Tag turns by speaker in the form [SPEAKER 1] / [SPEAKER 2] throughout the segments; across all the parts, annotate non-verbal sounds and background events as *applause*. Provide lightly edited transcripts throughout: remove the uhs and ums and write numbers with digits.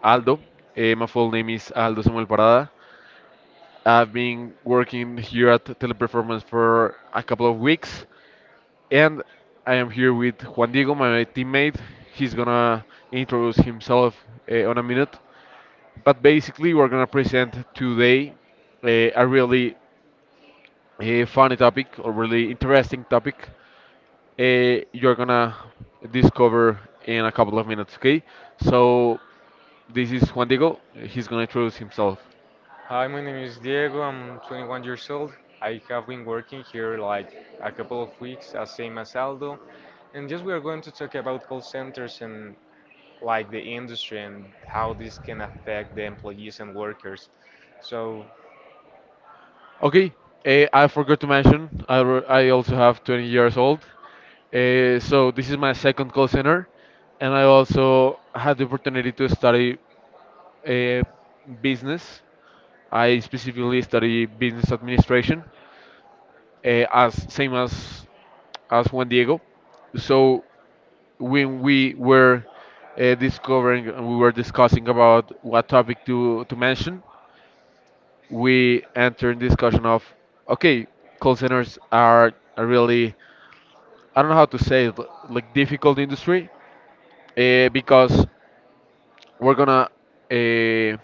[SPEAKER 1] Aldo. My full name is Aldo Samuel Parada. I've been working here at Teleperformance for a couple of weeks, and I am here with Juan Diego, my teammate. He's gonna introduce himself on a minute, but basically we're gonna present today a really funny topic or really interesting topic you're gonna discover in a couple of minutes, okay? So this is Juan Diego. He's gonna introduce himself.
[SPEAKER 2] Hi, my name is Diego. I'm 21 years old. I have been working here like a couple of weeks, as same as Aldo. And just we are going to talk about call centers and like the industry and how this can affect the employees and workers. So,
[SPEAKER 1] Okay. I forgot to mention I also have 20 years old. So this is my second call center, and I also had the opportunity to study eh, business. I specifically study business administration, eh, as same as Juan Diego. So when we were discovering and we were discussing about what topic to mention, we entered discussion of, okay, call centers are a really, I don't know how to say it, like difficult industry, because we're gonna uh,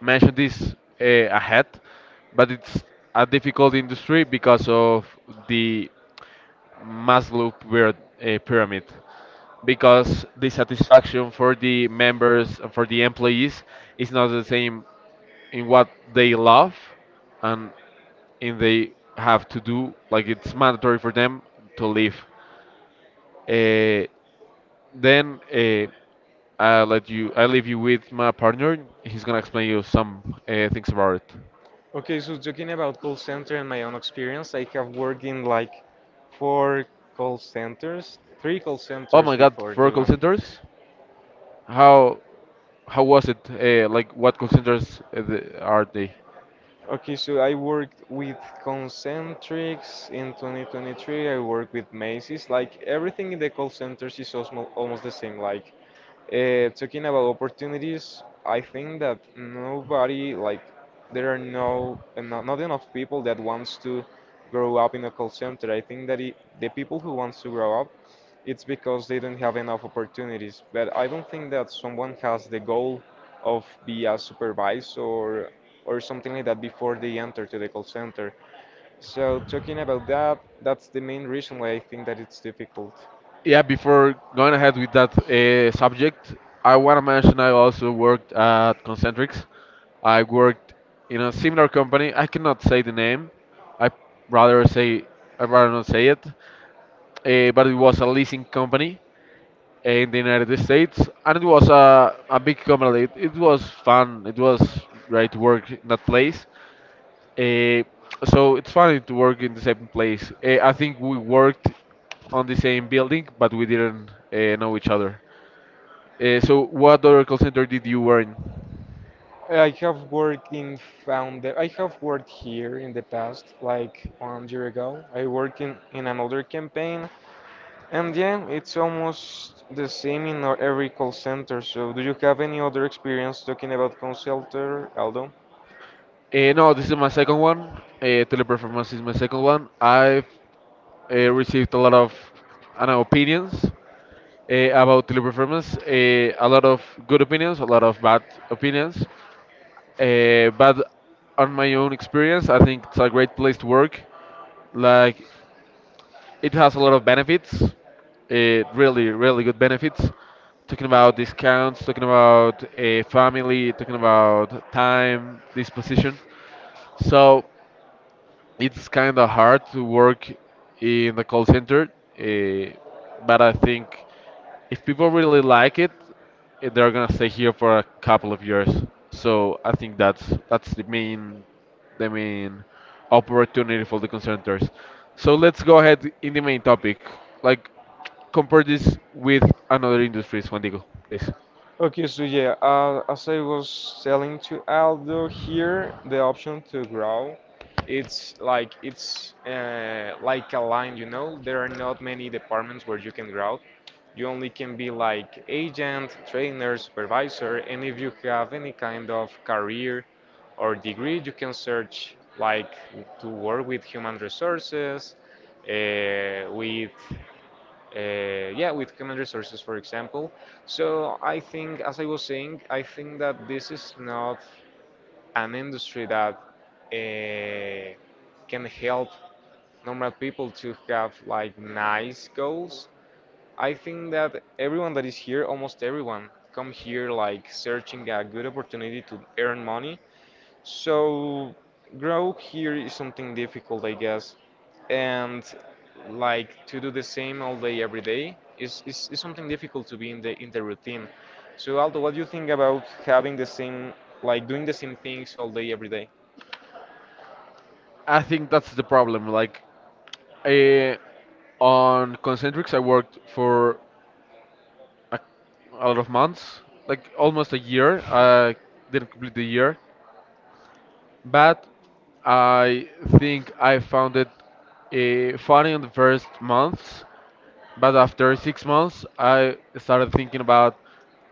[SPEAKER 1] mention this ahead, but it's a difficult industry because of the Maslow pyramid, because the satisfaction for the members and for the employees is not the same in what they love and in they have to do like it's mandatory for them to live. Uh, then I let you, I leave you with my partner. He's gonna explain you some things about it.
[SPEAKER 2] okay, so talking about call center and my own experience, I have worked in like four call centers, three call
[SPEAKER 1] Oh
[SPEAKER 2] centers
[SPEAKER 1] my god,
[SPEAKER 2] before
[SPEAKER 1] for
[SPEAKER 2] this
[SPEAKER 1] call
[SPEAKER 2] one.
[SPEAKER 1] centers? how How was it? Like, what contenders are they?
[SPEAKER 2] Okay, so I worked with Concentrix in 2023. I worked with Macy's. Like everything in the call centers is almost the same. Like talking about opportunities, I think that nobody like there are no not enough people that wants to grow up in a call center. I think that the people who wants to grow up, it's because they don't have enough opportunities. But I don't think that someone has the goal of be a supervisor or something like that before they enter to the call center. So talking about that, that's the main reason why I think that it's difficult.
[SPEAKER 1] Yeah, before going ahead with that subject, I want to mention I also worked at Concentrix. I worked in a similar company. I cannot say the name. I rather say I rather not say it. But it was a leasing company in the United States, and it was a big company. It was fun. It was great work in that place. Uh, so it's funny to work in the same place. I think we worked on the same building, but we didn't know each other. So what other call center did you work in?
[SPEAKER 2] I have worked in founder. I have worked here in the past, like 1 year ago. I worked in another campaign. And yeah, it's almost the same in every call center. So, do you have any other experience talking about call center, Aldo?
[SPEAKER 1] No, this is my second one. Teleperformance is my second one. I've received a lot of, I don't know, opinions about teleperformance. A lot of good opinions, a lot of bad opinions. But on my own experience, I think it's a great place to work. Like, it has a lot of benefits, it really, really good benefits. Talking about discounts, talking about a family, talking about time, disposition. So it's kind of hard to work in the call center, uh, but I think if people really like it, they're gonna stay here for a couple of years. So I think that's the main opportunity for the call centers. So let's go ahead in the main topic. Like, compare this with another industries, Juan Diego, please.
[SPEAKER 2] Okay, so yeah, as I was telling to Aldo here, the option to grow, it's like a line, you know. There are not many departments where you can grow. You only can be like agent, trainer, supervisor, and if you have any kind of career or degree, you can search like to work with human resources, uh, with yeah, with human resources, for example. So I think, as I was saying, I think that this is not an industry that uh, can help normal people to have like nice goals. I think that everyone that is here, almost everyone, come here like searching a good opportunity to earn money, so, grow here is something difficult, I guess. And like to do the same all day every day is something difficult to be in the routine. So, Aldo, what do you think about having the same like doing the same things all day every day?
[SPEAKER 1] I think that's the problem. Uh, on Concentrics, I worked for a, a lot of months, like almost a year. I didn't complete the year, but I think I found it funny on the first months. But after 6 months, I started thinking about,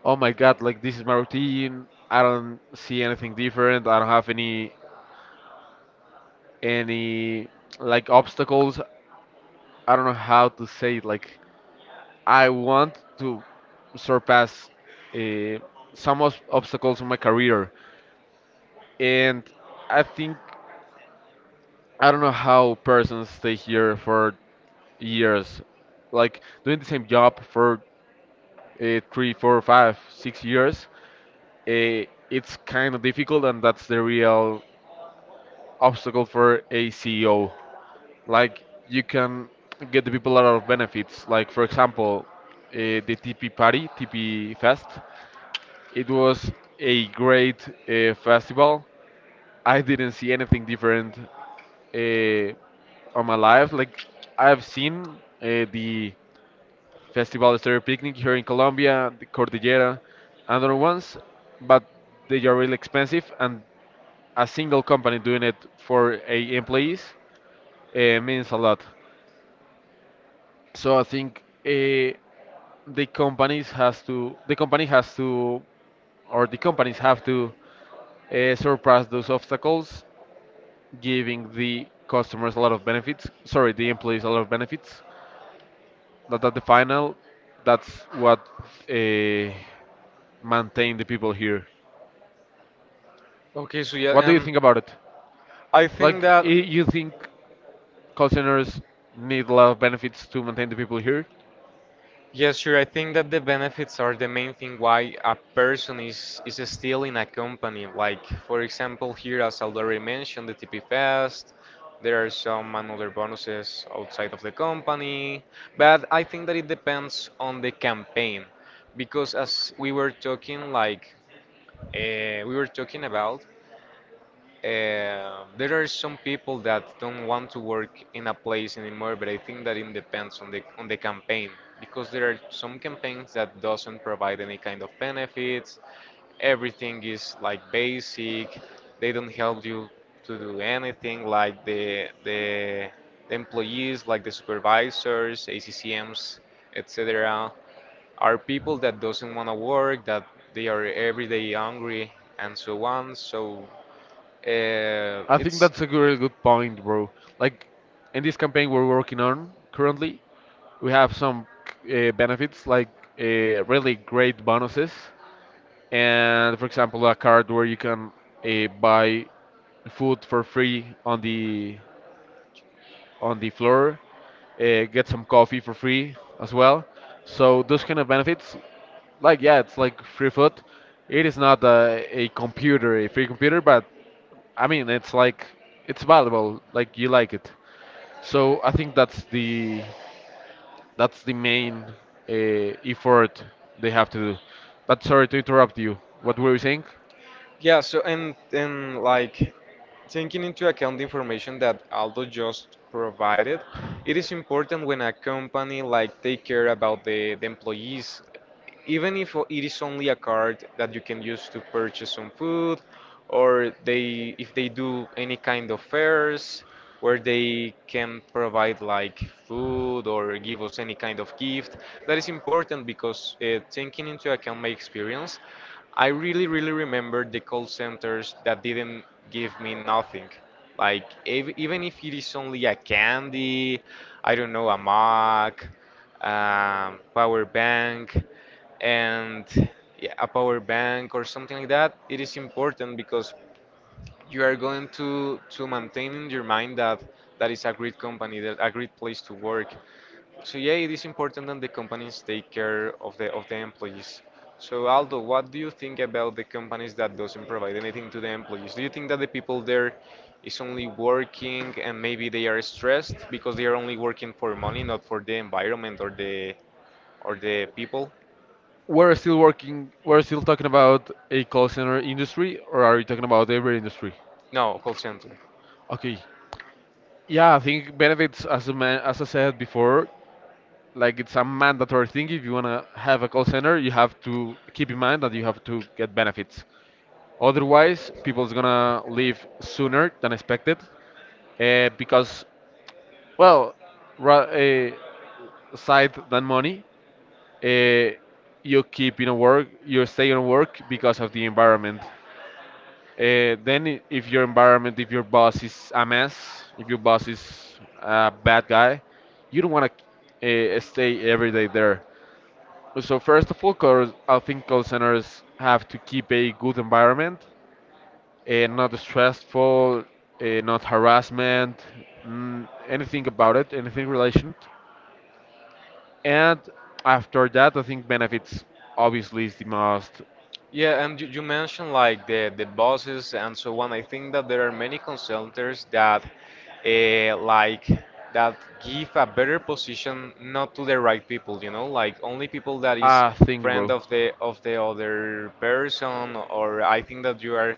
[SPEAKER 1] oh my God, like this is my routine. I don't see anything different. I don't have any like obstacles. I don't know how to say it. Like, I want to surpass uh, some obstacles in my career, and I think I don't know how persons stay here for years, like doing the same job for three, four, five, 6 years. It's kind of difficult, and that's the real obstacle for a CEO. Like, you can get the people a lot of benefits, like for example, the TP party, TP Fest. It was a great festival. I didn't see anything different uh, on my life. Like, I've seen the Festival Estéreo Picnic here in Colombia, the Cordillera, and other ones, but they are really expensive, and a single company doing it for a employees means a lot. So I think the company has to, or the companies have to, surpass those obstacles giving the customers a lot of benefits. Sorry, the employees a lot of benefits. That at the final, that's what uh, maintain the people here.
[SPEAKER 2] Okay, so
[SPEAKER 1] What
[SPEAKER 2] yeah,
[SPEAKER 1] do you think about it?
[SPEAKER 2] I think
[SPEAKER 1] Like,
[SPEAKER 2] that
[SPEAKER 1] i- you think call centers need a lot of benefits to maintain the people here?
[SPEAKER 2] yes, sure. I think that the benefits are the main thing why a person is still in a company. Like for example, here as I already mentioned, the TP Fest. There are some another bonuses outside of the company, but I think that it depends on the campaign, because as we were talking, like we were talking about, there are some people that don't want to work in a place anymore, but I think that it depends on the campaign because there are some campaigns that doesn't provide any kind of benefits. Everything is like basic. They don't help you to do anything like the employees, like the supervisors, ACCMs, etc. are people that doesn't want to work, that they are every day hungry and so on. So uh,
[SPEAKER 1] I think that's a really good point, bro. Like, in this campaign we're working on currently, we have some benefits like really great bonuses, and for example, a card where you can buy food for free on the, on the floor, get some coffee for free as well. So those kind of benefits, like, yeah, it's like free food. It is not a computer, a free computer, but I mean, it's like it's valuable, like you like it. So I think that's the main effort they have to do. But sorry to interrupt you, what were you saying?
[SPEAKER 2] yeah, so and like taking into account the information that Aldo just provided, it is important when a company like take care about the employees, even if it is only a card that you can use to purchase some food, or they if they do any kind of fairs where they can provide like food or give us any kind of gift. That is important because taking into account my experience, I really really remember the call centers that didn't give me nothing. Like even if it is only a candy, I don't know, a mug, power bank, and yeah, a power bank or something like that, it is important because you are going to maintain in your mind that that is a great company, that a great place to work. So yeah, it is important that the companies take care of the employees. So Aldo, what do you think about the companies that doesn't provide anything to the employees? Do you think that the people there is only working and maybe they are stressed because they are only working for money, not for the environment or the people?
[SPEAKER 1] We're still working, we're still talking about a call center industry, or are you talking about every industry?
[SPEAKER 2] No, call center.
[SPEAKER 1] Okay. Yeah, I think benefits, as a man, as I said before, like it's a mandatory thing. If you wanna have a call center, you have to keep in mind that you have to get benefits. Otherwise, people's gonna leave sooner than expected, because, well, ra- uh, aside than money, uh, you stay in work because of the environment. If your environment, if your boss is a mess, if your boss is a bad guy, you don't want to stay every day there. So, first of all, because I think call centers have to keep a good environment, not stressful, not harassment, anything about it, anything related. And after that, I think benefits obviously is the most
[SPEAKER 2] Yeah, and you mentioned like the bosses and so on. I think that there are many consultants uh, like that give a better position not to the right people, you know, like only people that is
[SPEAKER 1] thing,
[SPEAKER 2] friend
[SPEAKER 1] bro.
[SPEAKER 2] of the other person. Or I think that you are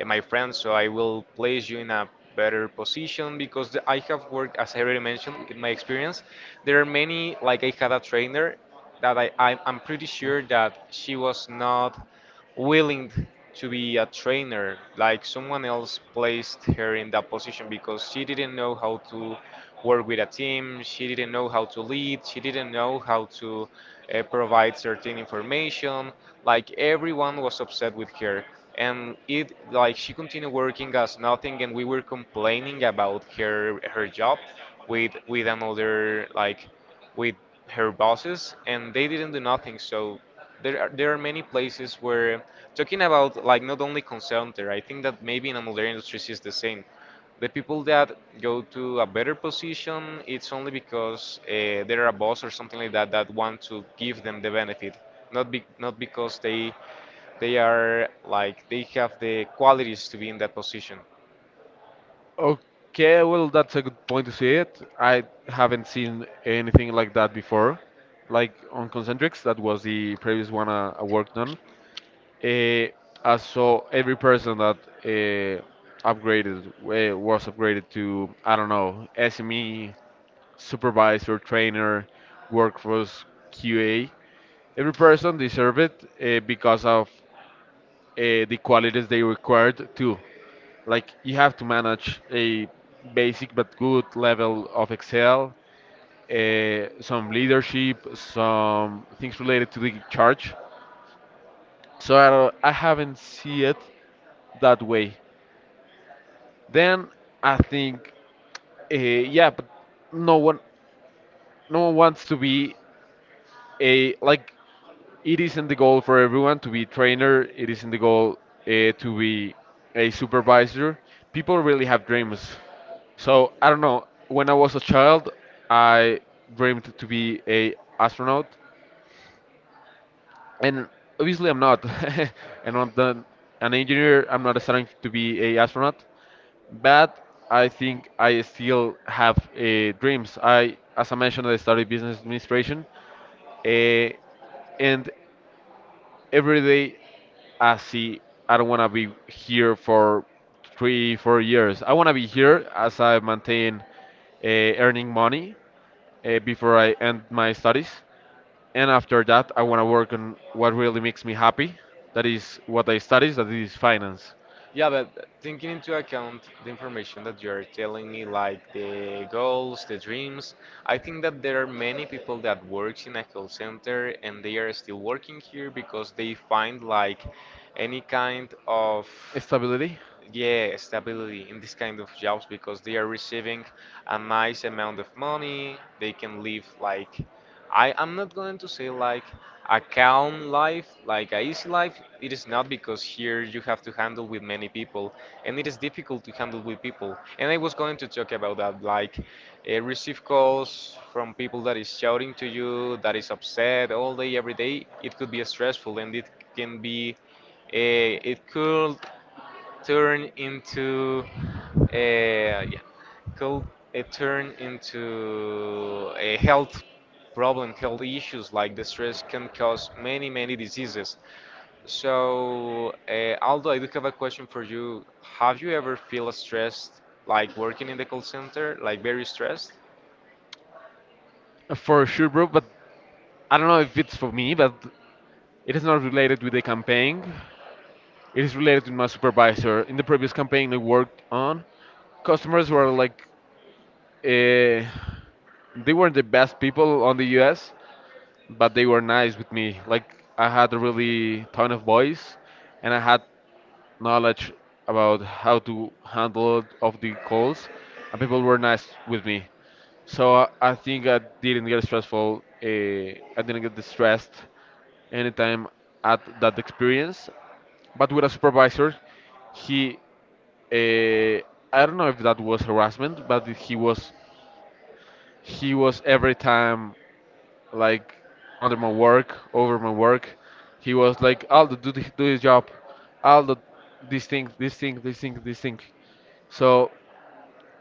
[SPEAKER 2] my friend, so I will place you in a better position because I have worked, as I already mentioned, in my experience, there are many like I had a trainer that I'm pretty sure that she was not willing to be a trainer, like someone else placed her in that position because she didn't know how to work with a team, she didn't know how to lead, she didn't know how to provide certain information. Like everyone was upset with her, and it like she continued working as nothing, and we were complaining about her job with another like with her bosses, and they didn't do nothing. So there are many places where talking about like not only consultant, I think that maybe in another industries is the same. The people that go to a better position, it's only because they're a boss or something like that that want to give them the benefit, not because they are like they have the qualities to be in that position.
[SPEAKER 1] Okay, well, that's a good point to see it. I haven't seen anything like that before. Like, on Concentrics, that was the previous one I worked on. Uh, I saw every person that uh, was upgraded to, I don't know, SME, supervisor, trainer, workforce, QA. Every person deserved it because of the qualities they required too. Like, you have to manage a basic but good level of Excel, some leadership, some things related to the church. So I, I haven't see it that way. Then I think, yeah, but no one no one wants to be a, like, it isn't the goal for everyone to be a trainer. It isn't the goal to be a supervisor. People really have dreams. So I don't know. When I was a child, I dreamed to be a astronaut, and obviously I'm not. *laughs* And I'm not an engineer. I'm not starting to be a astronaut, but I think I still have dreams. I, as I mentioned, I studied business administration, uh, and every day I see I don't want to be here for three, 4 years. I want to be here as I maintain earning money before I end my studies. And after that, I want to work on what really makes me happy. That is what I studies, that is finance.
[SPEAKER 2] Yeah, but taking into account the information that you're telling me, like the goals, the dreams, I think that there are many people that works in a call center and they are still working here because they find like any kind of
[SPEAKER 1] Stability,
[SPEAKER 2] yeah stability in this kind of jobs because they are receiving a nice amount of money. They can live like I'm not going to say like a calm life, like a easy life. It is not, because here you have to handle with many people, and it is difficult to handle with people. And I was going to talk about that. Like, receive calls from people that is shouting to you, that is upset all day every day, it could be stressful and it can be it could turn into a yeah, could it turn into a health problem, health issues, like the stress can cause many, many diseases. So, Aldo, I do have a question for you. Have you ever feel stressed, like working in the call center, like very stressed?
[SPEAKER 1] for sure, bro. But I don't know if it's for me, but it is not related with the campaign. It is related with my supervisor. In the previous campaign I worked on, customers were like, Uh, they weren't the best people on the US, but they were nice with me. Like, I had a really ton of voice, and I had knowledge about how to handle of the calls, and people were nice with me. So I think I didn't get stressful. I didn't get distressed anytime at that experience. But with a supervisor, he uh, I don't know if that was harassment, but he was every time like under my work, over my work. He was like, Aldo, do the, do his job. Aldo, this thing. So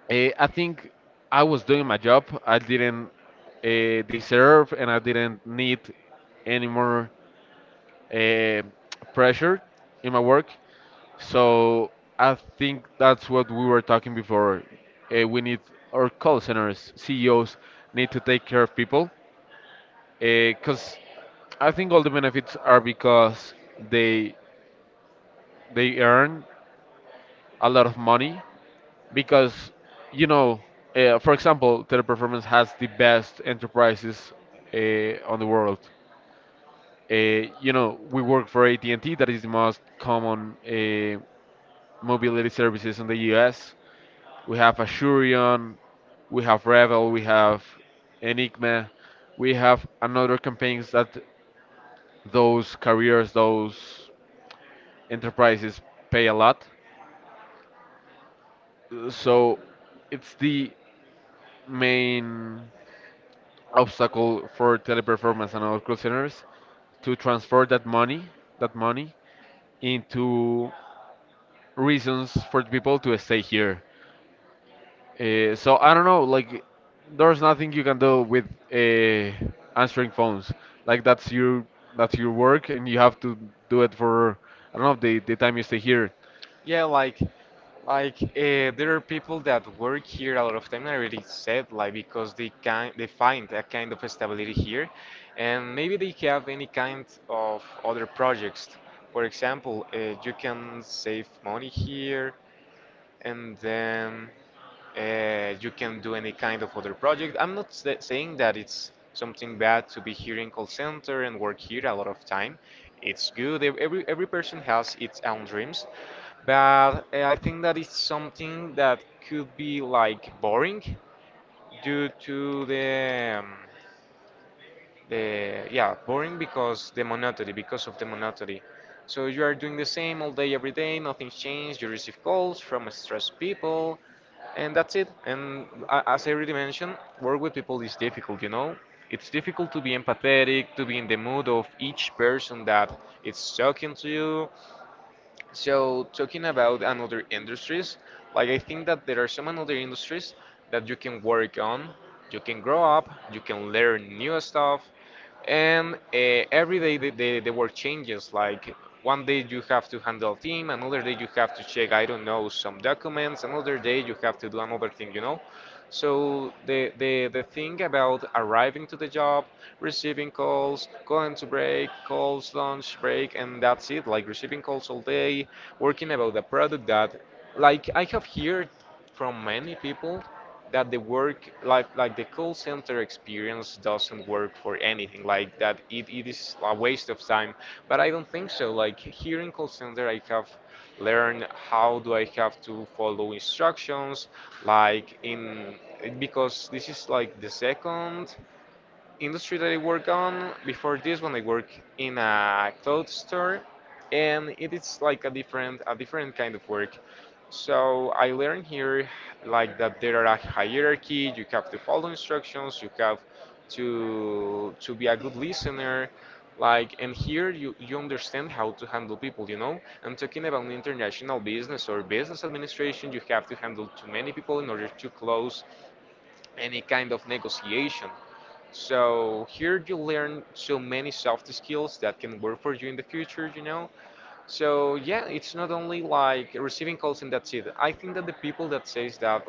[SPEAKER 1] I think I was doing my job. I didn't deserve and I didn't need any more uh, pressure in my work. So I think that's what we were talking before. We need our call centers, CEOs need to take care of people, because I think all the benefits are because they they earn a lot of money, because, you know, for example, Teleperformance has the best enterprises on the world. You know, we work for AT&T, that is the most common mobility services in the US. We have Asurion, we have Revel, we have Enigma, we have another campaigns that those careers, those enterprises pay a lot. So it's the main obstacle for teleperformance and our call centers to transfer that money into reasons for the people to stay here. So I don't know, like there's nothing you can do with uh, answering phones. Like that's your work, and you have to do it for I don't know the time you stay here.
[SPEAKER 2] Yeah, like like uh, there are people that work here a lot of time. I already said like because they can they find a kind of stability here, and maybe they have any kind of other projects. For example, you can save money here and then you can do any kind of other project. I'm not sa saying that it's something bad to be here in call center and work here a lot of time. It's good. Every person has its own dreams, but I think that it's something that could be like boring due to the yeah boring because the monotony because of the monotony. So you are doing the same all day every day, nothing's changed, you receive calls from stressed people, and that's it. And as I already mentioned, work with people is difficult, you know. It's difficult to be empathetic, to be in the mood of each person that is talking to you. So talking about another industries, like I think that there are some another industries that you can work on, you can grow up, you can learn new stuff, and every day the work changes. Like one day you have to handle team, another day you have to check, I don't know, some documents, another day you have to do another thing, you know. So the thing about arriving to the job, receiving calls, going to break, calls, lunch, break, and that's it. Like receiving calls all day, working about the product that, like I have heard from many people that the work like the call center experience doesn't work for anything. Like that it is a waste of time, but I don't think so. Like here in call center I have learn how do I have to follow instructions, like in because this is like the second industry that I work on. Before this one I work in a clothes store, and it is like a different kind of work. So I learned here like that there are a hierarchy, you have to follow instructions, you have to be a good listener like and here you understand how to handle people, you know. I'm talking about international business or business administration. You have to handle too many people in order to close any kind of negotiation. So here you learn so many soft skills that can work for you in the future, you know. So yeah, it's not only like receiving calls and that's it. I think that the people that says that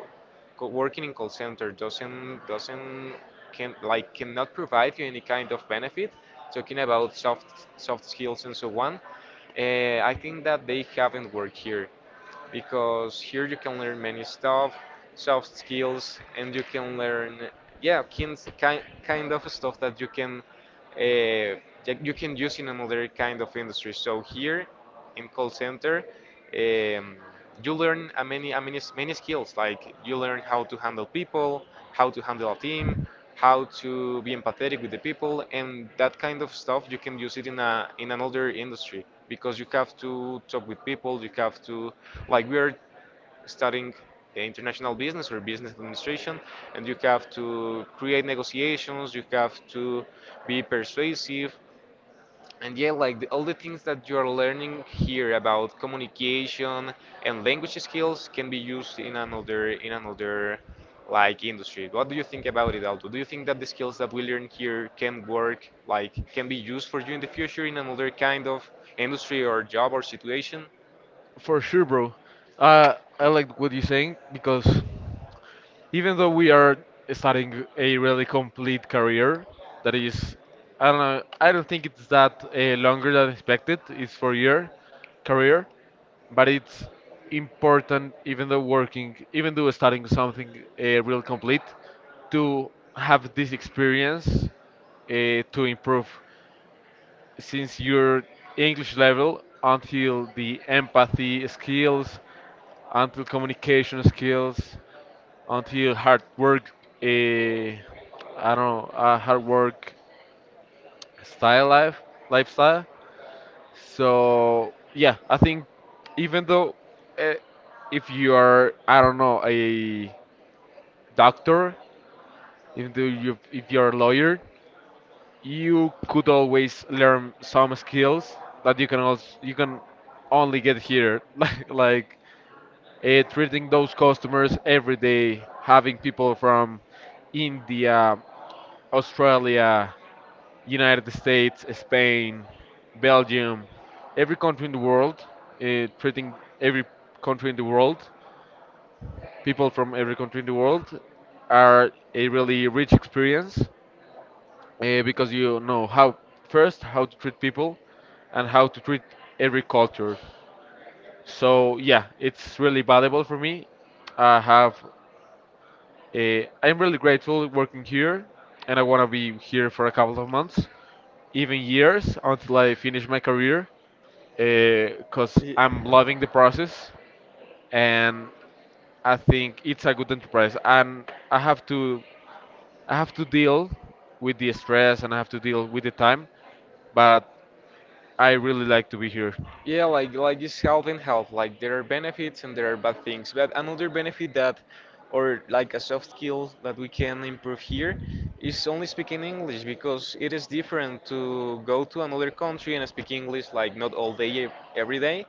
[SPEAKER 2] working in call center doesn't can like cannot provide you any kind of benefit, talking about soft skills and so on, I think that they haven't worked here because here you can learn many stuff, soft skills, and you can learn yeah kind of stuff uh, that you can use in another kind of industry. So here in call center, um, you learn many skills. Like you learn how to handle people, how to handle a team, how to be empathetic with the people, and that kind of stuff. You can use it in a in another industry because you have to talk with people. You have to like we are studying international business or business administration, and you have to create negotiations. You have to be persuasive. And yeah, like all the things that you're learning here about communication and language skills can be used in another like industry. What do you think about it, Aldo? Do you think that the skills that we learn here can work, like can be used for you in the future in another kind of industry or job or situation?
[SPEAKER 1] For sure, bro. Uh, I like what you're saying because even though we are starting a really complete career that is I don't know I don't think it's that longer than expected, it's for year career, but it's important, even though working, even though starting something real complete, to have this experience, uh, to improve, since your English level, until the empathy skills, until communication skills, until hard work, eh, I don't know, hard work style life lifestyle. So yeah, I think even though, uh, if you are I don't know a doctor, even though you if you're a lawyer, you could always learn some skills that you can only get here *laughs* like treating those customers every day, having people from India, Australia, United States, Spain, Belgium, every country in the world, treating every country in the world, people from every country in the world, are a really rich experience, because you know how, first, how to treat people and how to treat every culture. So yeah, it's really valuable for me. i have I'm really grateful working here, and I want to be here for a couple of months, even years, until I finish my career, because I'm loving the process. And I think it's a good enterprise, and I have to deal with the stress, and I have to deal with the time, but I really like to be here.
[SPEAKER 2] Yeah, like it's health and health. Like there are benefits and there are bad things. But another benefit that, or like a soft skill that we can improve here, is only speaking English because it is different to go to another country and speak English like not all day every day,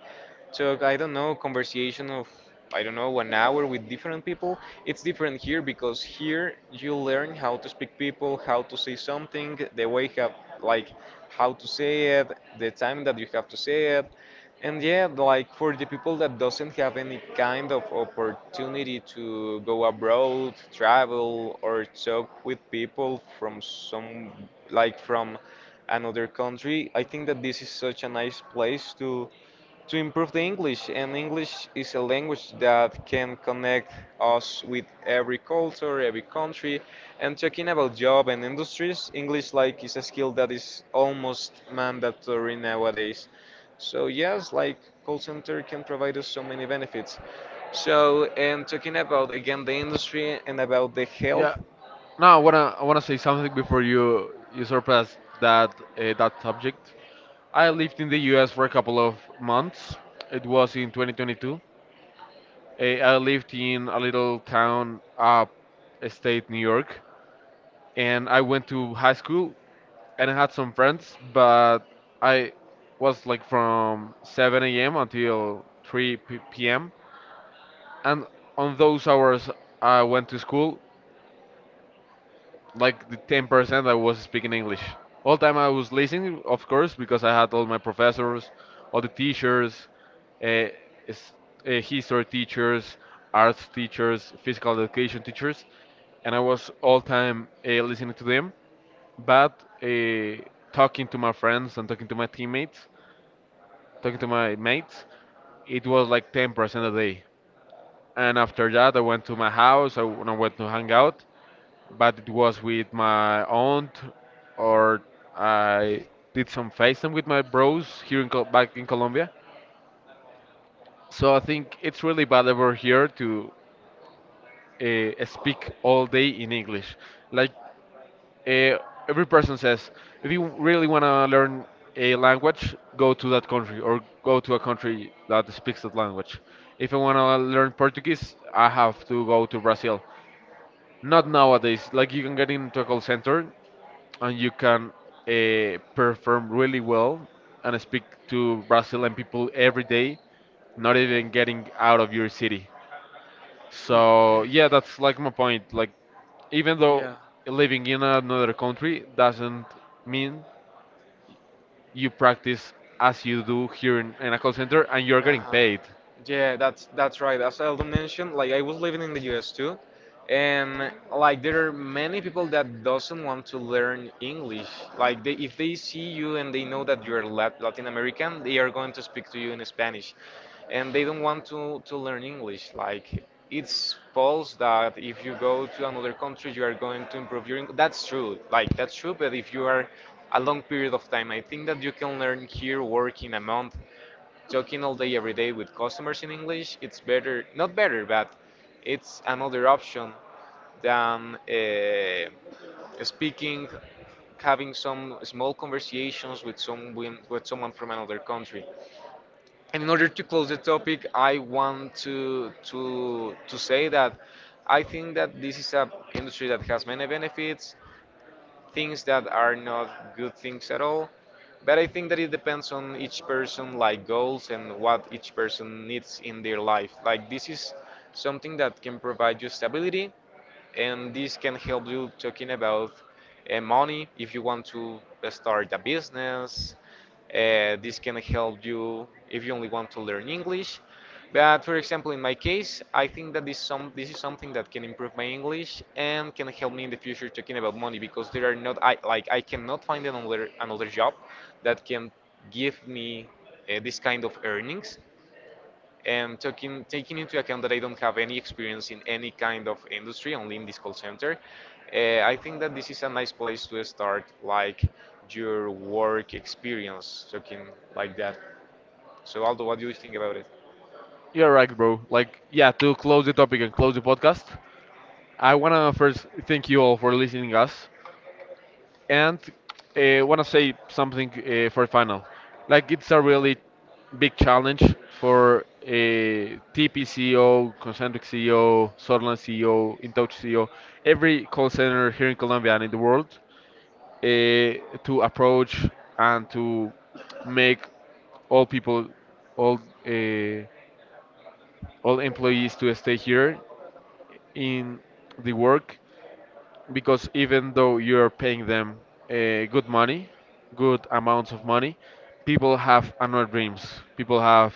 [SPEAKER 2] took I don't know conversation of I don't know 1 hour with different people. It's different here because here you learn how to speak people, how to say something, the way have like how to say it, the time that you have to say it. And yeah, like for the people that doesn't have any kind of opportunity to go abroad, travel or talk with people from some like from another country, I think that this is such a nice place to improve the English. And English is a language that can connect us with every culture, every country. And talking about job and industries, English like is a skill that is almost mandatory nowadays. So yes, like call center can provide us so many benefits. So and talking about again the industry and about the
[SPEAKER 1] Yeah.
[SPEAKER 2] health.
[SPEAKER 1] Now I wanna say something before you surpass that subject. I lived in the U.S. for a couple of months. It was in 2022. I lived in a little town up state New York, and I went to high school, and I had some friends, but I was like from 7 a.m. until 3 p.m. And on those hours, I went to school, like the 10% I was speaking English. All time I was listening, of course, because I had all my professors, all the teachers, uh, s- history teachers, arts teachers, physical education teachers, and I was all time listening to them. But talking to my friends and talking to my teammates, talking to my mates, it was like 10% a day. And after that, I went to my house, and I went to hang out, but it was with my aunt, or I did some FaceTime with my bros here in back in Colombia. So I think it's really bad over here to speak all day in English. Like, uh, every person says, if you really want to learn a language, go to that country or go to a country that speaks that language. If I want to learn Portuguese, I have to go to Brazil. Not nowadays. Like, you can get into a call center and you can perform really well and speak to Brazilian people every day, not even getting out of your city. So yeah, that's like my point. Like, even though living in another country doesn't mean you practice as you do here in, a call center and you're getting paid.
[SPEAKER 2] Yeah, that's right. As Aldo mentioned, like I was living in the US too, and like there are many people that doesn't want to learn English. Like they, if they see you and they know that you're Latin American, they are going to speak to you in Spanish, and they don't want to learn English. Like it's false that if you go to another country, you are going to improve your. That's true. Like that's true. But if you are a long period of time, I think that you can learn here, work in a month, talking all day every day with customers in English, it's better, not better, but it's another option than speaking, having some small conversations with some with someone from another country. And in order to close the topic, I want to say that I think that this is a industry that has many benefits things that are not good things at all. But I think that it depends on each person, like goals and what each person needs in their life. Like this is something that can provide you stability, and this can help you talking about money if you want to start a business. This can help you if you only want to learn english, but for example in my case I think that this is something that can improve my english and can help me in the future talking about money because there are not I like I cannot find another job that can give me this kind of earnings and taking into account that I don't have any experience in any kind of industry, only in this call center, I think that this is a nice place to start like your work experience, talking like that. So Aldo, what do you think about it?
[SPEAKER 1] You're right, bro. Like, yeah, to close the topic and close the podcast, I wanna first thank you all for listening us, and want to say something for the final. Like, it's a really big challenge for a TP Concentric CEO, Sutherland CEO, InTouch CEO, every call center here in Colombia and in the world, to approach and to make all people, all uh, all employees, to stay here in the work, because even though you're paying them good money, good amounts of money, people have another dreams. People have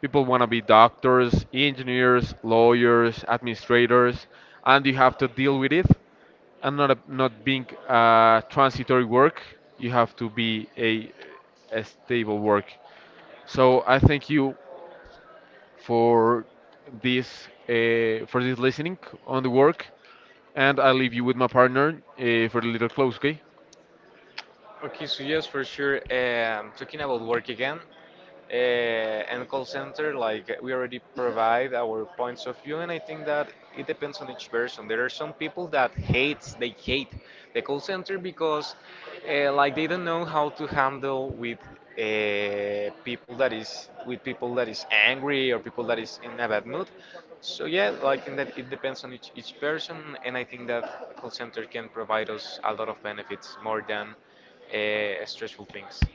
[SPEAKER 1] people want to be doctors, engineers, lawyers, administrators, and you have to deal with it. And not being transitory work, you have to be a stable work. So I think you, for for this listening on the work, and I leave you with my partner for the little close. Okay.
[SPEAKER 2] Okay, so yes, for sure. Talking about work again, and call center, like we already provide our points of view, and I think that it depends on each person. There are some people that hates, they hate the call center because, like, they don't know how to handle with people that is with people that is angry or people that is in a bad mood. So yeah, like in that it depends on each person, and I think that call center can provide us a lot of benefits more than stressful things.